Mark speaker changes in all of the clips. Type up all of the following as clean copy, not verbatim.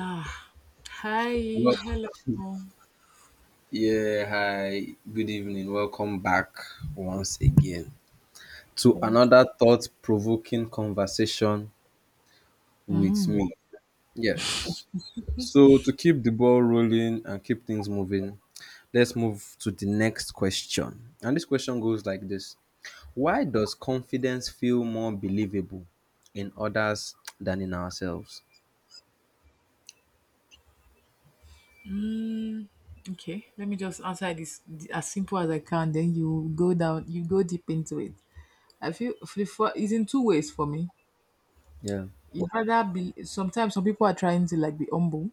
Speaker 1: Ah, hi,
Speaker 2: Well,
Speaker 1: hello.
Speaker 2: yeah, hi, good evening. Welcome back once again to another thought provoking conversation with
Speaker 1: Mm.
Speaker 2: me. Yes. So, to keep the ball rolling and keep things moving, let's move to the next question. And this question goes like this: why does confidence feel more believable in others than in ourselves?
Speaker 1: Mm, okay, let me just answer this as simple as I can. Then you go down, you go deep into it. I feel it's in two ways for me.
Speaker 2: Yeah.
Speaker 1: You rather be sometimes some people are trying to like be humble,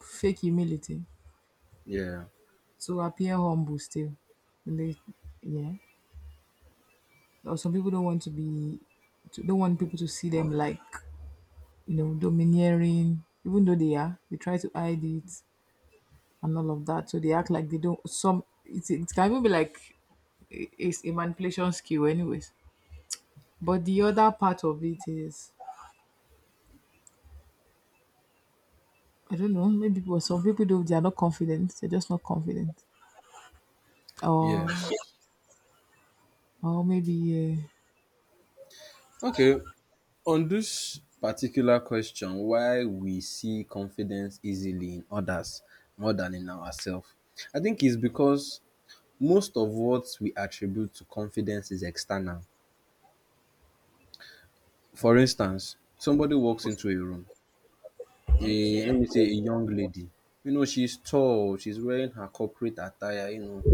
Speaker 1: fake humility,
Speaker 2: Yeah.
Speaker 1: so appear humble still. And they, yeah, or some people don't want to be, don't want people to see them like domineering, even though they are. They try to hide it. And all of that. So they act like they don't. It can even be like it's a manipulation skill, anyways. But the other part of it is I don't know. Some people do. They are not confident. They're just not confident, or
Speaker 2: Yes.
Speaker 1: maybe
Speaker 2: Okay. On this particular question, why we see confidence easily in others more than in ourselves, I think it's because most of what we attribute to confidence is external. For instance, somebody walks into a room, a, let
Speaker 1: okay.
Speaker 2: me say a young lady. You know, she's tall, she's wearing her corporate attire, you know,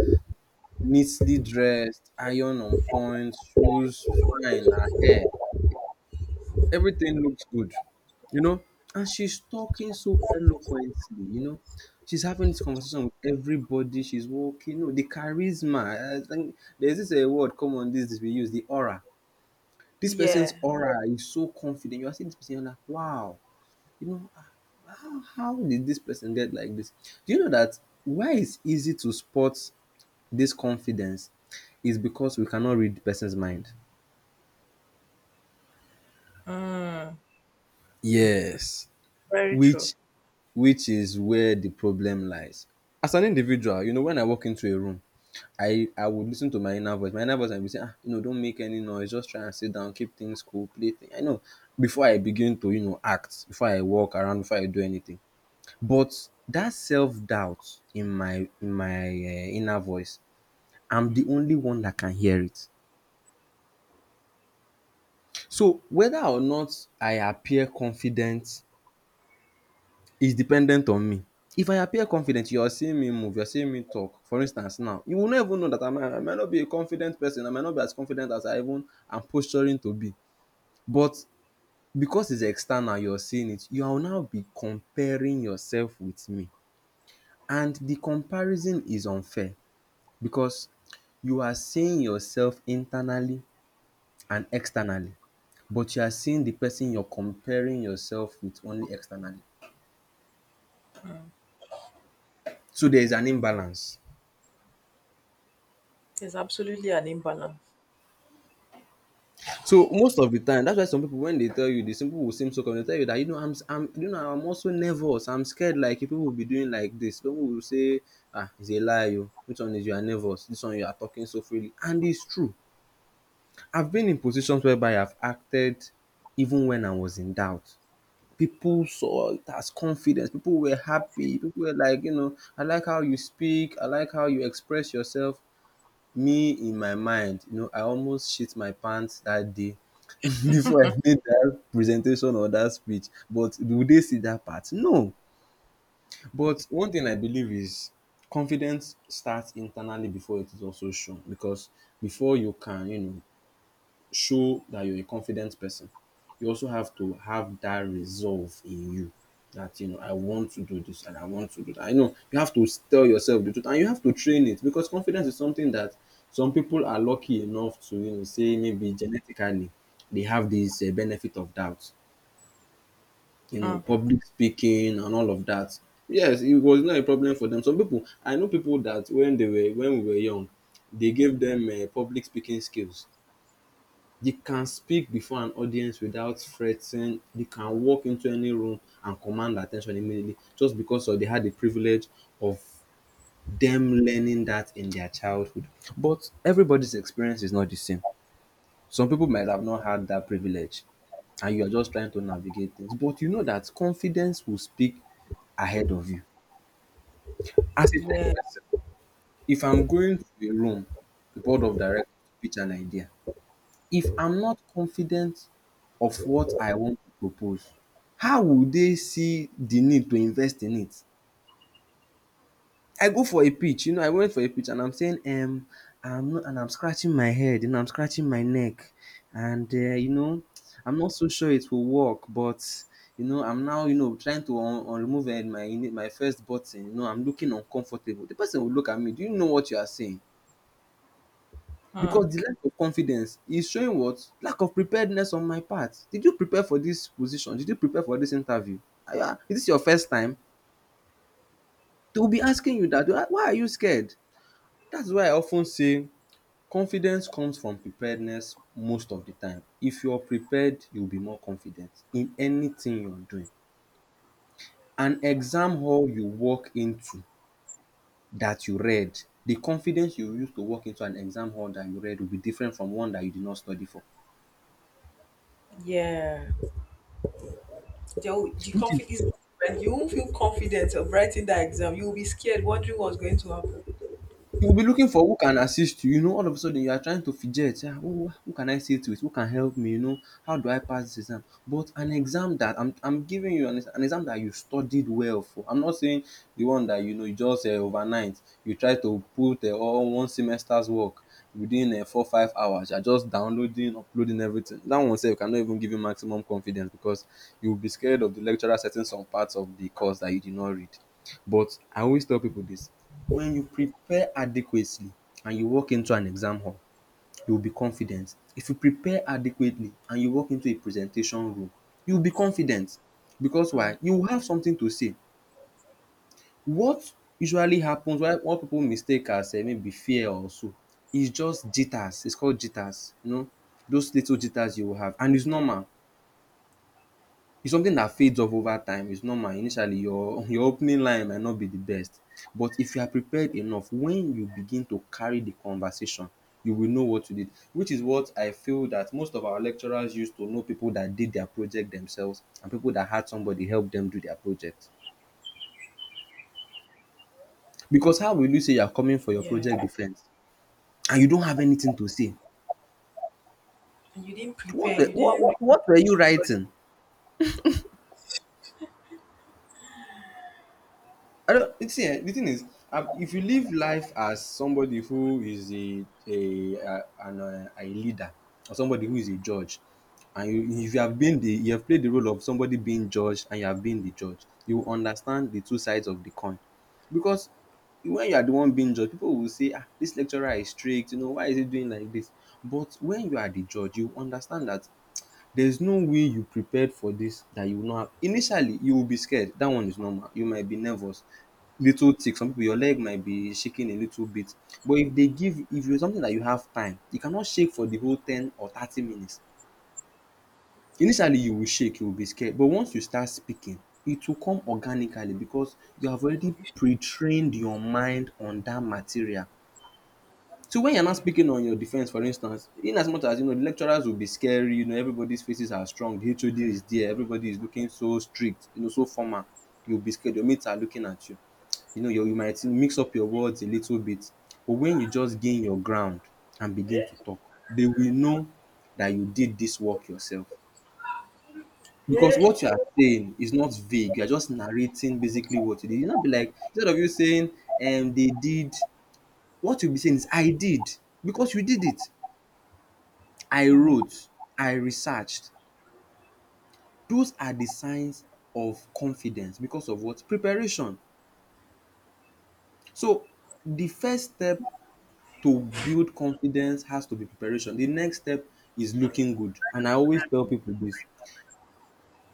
Speaker 2: neatly dressed, iron on point, shoes, fine, her hair. Everything looks good, you know. And she's talking so eloquently, you know. She's having this conversation with everybody. She's walking. No, the charisma. I think there's this a word common this we use, the aura. This person's
Speaker 1: Yeah.
Speaker 2: aura is so confident. You are seeing this person, you're like, wow, you know, ah, how did this person get like this? Do you know that why it's easy to spot this confidence is because we cannot read the person's mind.
Speaker 1: Mm.
Speaker 2: Yes.
Speaker 1: Very true.
Speaker 2: Which which is where the problem lies. As an individual, you know, when I walk into a room, I would listen to my inner voice. My inner voice I would say, ah, you know, don't make any noise. Just try and sit down, keep things cool, play things. I know before I begin to, you know, act, before I walk around, before I do anything. But that self doubt in my inner voice, I'm the only one that can hear it. So whether or not I appear confident is dependent on me. If I appear confident, you are seeing me move, you are seeing me talk. For instance now, you will not even know that I might not be a confident person. I might not be as confident as I even am posturing to be. But because it's external, you're seeing it, you will now be comparing yourself with me. And the comparison is unfair because you are seeing yourself internally and externally, but you are seeing the person you're comparing yourself with only externally. So there is an imbalance.
Speaker 1: There's absolutely an imbalance.
Speaker 2: So most of the time that's why some people, when they tell you the simple will seem so common, they tell you that, you know, I'm you know I'm also nervous, I'm scared, like if people will be doing like this, some people will say, ah, it's a lie o, which one is you are nervous, this one you are talking so freely. And it's true, I've been in positions whereby I've acted even when I was in doubt. People saw it as confidence, people were happy, people were like, you know, I like how you speak, I like how you express yourself. Me in my mind, you know, I almost shit my pants that day before I made that presentation or that speech. But do they see that part? No. But one thing I believe is confidence starts internally before it is also shown, because before you can, you know, show that you're a confident person, you also have to have that resolve in you, that you know I want to do this and I want to do that. I know you have to tell yourself the truth and you have to train it, because confidence is something that some people are lucky enough to, you know, say maybe genetically they have this benefit of doubt. You know,
Speaker 1: Hmm.
Speaker 2: public speaking and all of that. Yes, it was not a problem for them. Some people, I know people that when they were, when we were young, they gave them public speaking skills, you can speak before an audience without fretting. You can walk into any room and command attention immediately just because of they had the privilege of them learning that in their childhood. But everybody's experience is not the same. Some people might have not had that privilege and you are just trying to navigate things. But you know that confidence will speak ahead of you. As a tech
Speaker 1: Yeah.
Speaker 2: person, if I'm going to a room, the board of directors, to pitch an idea, if I'm not confident of what I want to propose, how would they see the need to invest in it? I go for a pitch, you know, I went for a pitch and I'm saying, I'm not, and I'm scratching my head and I'm scratching my neck, and you know, I'm not so sure it will work, but you know, I'm now, you know, trying to remove my first button. You know, I'm looking uncomfortable. The person will look at me. Do you know what you are saying?
Speaker 1: Hmm.
Speaker 2: Because the lack of confidence is showing what? Lack of preparedness on my part. Did you prepare for this position? Did you prepare for this interview? Is this your first time? They will be asking you that. Why are you scared? That's why I of ten say confidence comes from preparedness most of the time. If you are prepared, you will be more confident in anything you are doing. An exam hall you walk into that you read, the confidence you use to walk into an exam hall that you read will be different from one that you did not study for.
Speaker 1: The
Speaker 2: Which is:
Speaker 1: conflict is when you exam, you'll be scared wondering what's going to happen.
Speaker 2: you will be looking for who can assist you, you know, all of a sudden you are trying to fidget. Yeah, who can I say to it, who can help me, you know, how do I pass this exam? But an exam that I'm giving you an ex- an exam that you studied well for. I'm not saying the one that you know you just overnight you try to put all one semester's work within 4 5 hours. You're just downloading, uploading everything. That one sef cannot even give you maximum confidence because you will be scared of the lecturer setting some parts of the course that you did not read. But I always tell pipu dis, when you prepare adequately and you walk into an exam hall, you will be confident. If you prepare adequately and you walk into a presentation room, you will be confident because why? You will have something to say. What usually happens, why what pipu mistake as maybe fear or so, is just jitters, is called jitters. You know, those little jitters you will have, and it's normal. It's something that fades off over time, it's normal. Initially your your opening line might not be the best, but if you are prepared enough, when you begin to carry the conversation you will know what to did, which is what I feel that most of our lecturers used to know people that did their project themselves and people that had somebody help them do their project. Because how will you say you are coming for your project defense and you don't have anything to say? What were you writing? I don't, you see. The thing is, if you live life as somebody who is a leader or somebody who is a judge, and you, if you have been the you have played the role of somebody being judged and you have been the judge, you will understand the two sides of the coin, because when you are the one being judged, people will say, ah, this lecturer is strict. You know why is he doing like this? But when you are the judge, you understand that there's no way you prepared for this that you will not have. Initially, you will be scared. That one is normal. You might be nervous. Little tick. Some people, your leg might be shaking a little bit. But if they give, if it's something that you have time, you cannot shake for the whole 10 or 30 minutes. Initially, you will shake. You will be scared. But once you start speaking, it will come organically because you have already pre-trained your mind on that material. So when you're not speaking on your defense, for instance, in as much as you know the lecturers will be scary, you know, everybody's faces are strong, the HOD is there, everybody is looking so strict, you know, so formal. You'll be scared, your mates are looking at you. You know, you might mix up your words a little bit. But when you just gain your ground and begin to talk, they will know that you did this work yourself. Because what you are saying is not vague, you are just narrating basically what you did. You not be like instead of you saying they did, what you'll be saying is I did because you did it. I wrote, I researched. Those are the signs of confidence because of what? Preparation. So the first step to build confidence has to be preparation. The next step is looking good. And I always tell people this.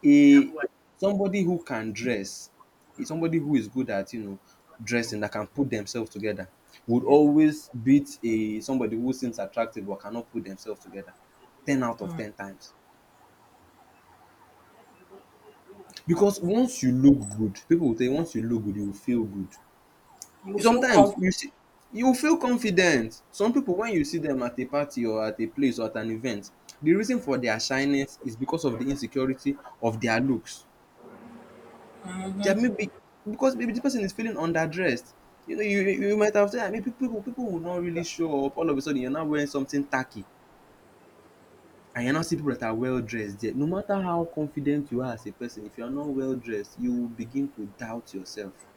Speaker 2: A somebody who can dress, is somebody who is good at, dressing that can put themselves together would always beat a somebody who seems attractive but cannot put themselves together 10 out of 10 times. Because once you look good, people will tell you once you look good, you will feel good. Sometimes you see you will feel confident. Some people when you see them at a party or at a place or at an event, the reason for their shyness is because of the insecurity of their looks. They are maybe because maybe the person is feeling underdressed. You know, you might have said, I mean, people will not really show up. All of a sudden, you're now wearing something tacky, and you're now seeing people that are well dressed there. No matter how confident you are as a person, if you are not well dressed, you will begin to doubt yourself.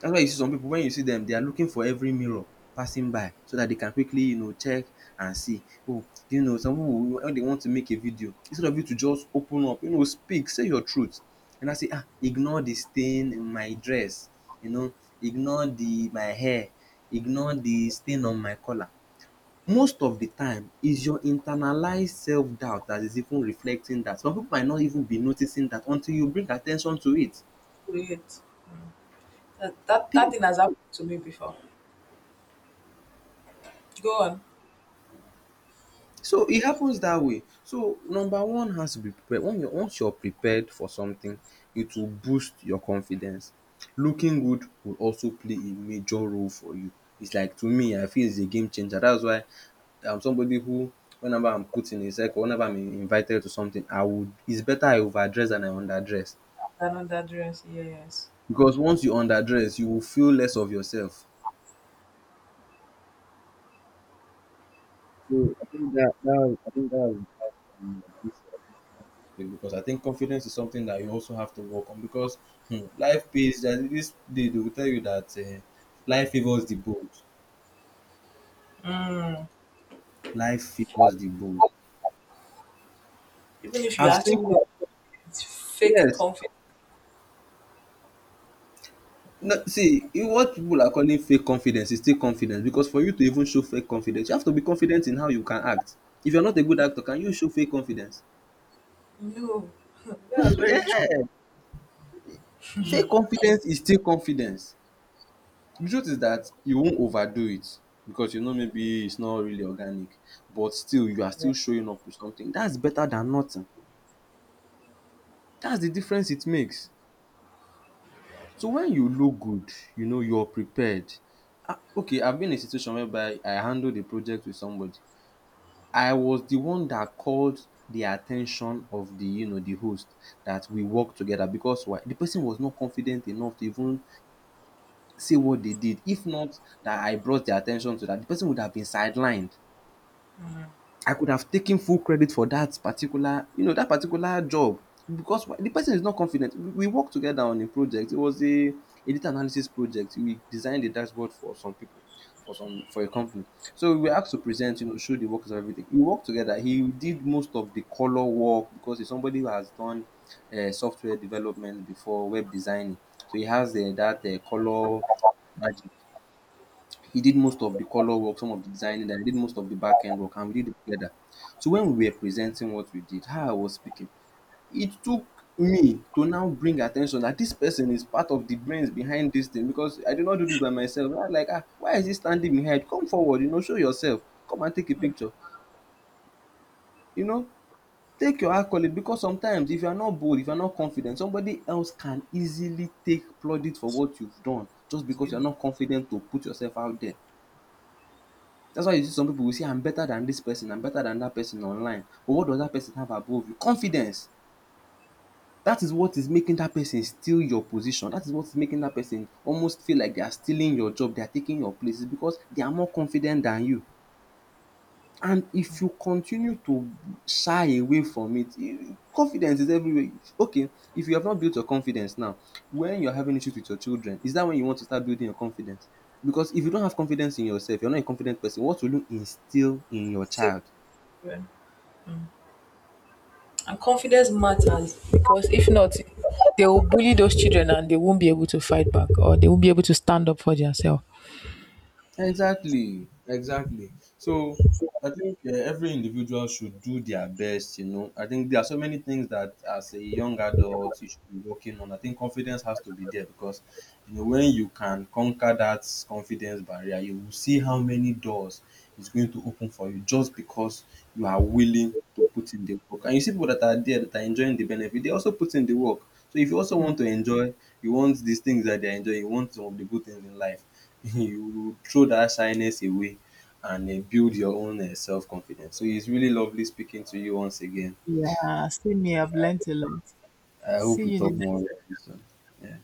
Speaker 2: That's why you see some people when you see dem they are looking for every mirror passing by so that they can quickly, check and see, oh, some people when they want to make a video instead of you to just open up, speak, say your truth, you now say, ah, ignore the stain in my dress, you know ignore the my hair, ignore the stain on my collar. Most of the time is your internalized self doubt that is even reflecting that some people might not even be noticing that until you bring at ten tion to it.
Speaker 1: Wait. That thing has happened to me before. Go on.
Speaker 2: So it happens that way. So number one has to be prepared. When you're, once you're prepared for something, it will boost your confidence. Looking good will also play a major role for you. It's like to me, I feel it's a game changer. That's why I'm somebody who, whenever I'm put in a circle, whenever I'm invited to something, I would. It's better I overdress than I underdress
Speaker 1: Another dress, yes.
Speaker 2: because once you underdress, you will feel less of yourself. So I think that I think that was this because I think confidence is something that you also have to work on because hmm, life pays that this they will tell you that life favors the bold. Life favors the bold.
Speaker 1: Even if you
Speaker 2: I've seen
Speaker 1: actually
Speaker 2: peop-
Speaker 1: like it's fake
Speaker 2: yes.
Speaker 1: confidence.
Speaker 2: No, see, in what people are calling fake confidence is still confidence because for you to even show fake confidence, you have to be confident in how you can act. If you're not a good actor, can you show fake confidence?
Speaker 1: No, that was very
Speaker 2: Eh,
Speaker 1: true.
Speaker 2: fake confidence is still confidence. The truth is that you won't overdo it because you know maybe it's not really organic, but still you are still showing up with something. That's better than nothing. That's the difference it makes. So when you look good, you know you're prepared. Ah, okay, I've been in a situation whereby I handled a project with somebody. I was the one that called the attention of the, the host that we work together because why the person was not confident enough to even say what they did. If not that I brought their attention to that, the person would have been sidelined. I could have taken full credit for that particular, that particular job because why the person is not confident. We worked together on a project. It was a data analysis project. We designed a dashboard for some people, for a company. So we were asked to present, show the workings of everything. We worked together. He did most of the color work because he's somebody who has done software development before web designing. So he has that color magic. He did most of the color work, some of the designing, and I did most of the back end work, and we did it together. So when we were presenting what we did, how I was speaking, it took me to now bring attention that this person is part of the brains behind this thing because I did not do this by myself. I was like, ah, why is he standing behind? Come forward, show yourself. Come and take a picture. You know, take your accolade because sometimes if you are not bold, if you are not confident, somebody else can easily take plaudit for what you've done just because
Speaker 1: You
Speaker 2: you are not confident to put yourself out there. That's why you see some people will say, I'm better than this person, I'm better than that person online. But what does that person have above you? Confidence. That is what is making that person steal your position. That is what's making that person almost feel like they are stealing your job, they are taking your place, because they are more confident than you. And if you continue to shy away from it, confidence is everywhere. Okay, if you have not built your confidence now, when you're having issues with your children, is that when you want to start building your confidence? Because if you don't have confidence in yourself, you're not a confident person, what will you instill in your
Speaker 1: still-
Speaker 2: child?
Speaker 1: And confidence matters because if not, they will bully those children and they won't be able to fight back or they won't be able to stand up for themselves.
Speaker 2: Exactly, exactly. So I think every individual should do their best. You know, I think there are so many things that as a young adult you should be working on. I think confidence has to be there because you know when you can conquer that confidence barrier, you will see how many doors is going to open for you just because you are willing to put in the work. And you see people that are there that are enjoying the benefit, they also put in the work. So if you also want to enjoy, you want these things that they are enjoying, you want some of the good things in life, you throw that shyness away and build your own self confidence. So it's really lovely speaking to you once again.
Speaker 1: Yeah, see me, I've learned a lot.
Speaker 2: I hope
Speaker 1: See
Speaker 2: we
Speaker 1: you the
Speaker 2: talk more
Speaker 1: next
Speaker 2: about this one. Yeah.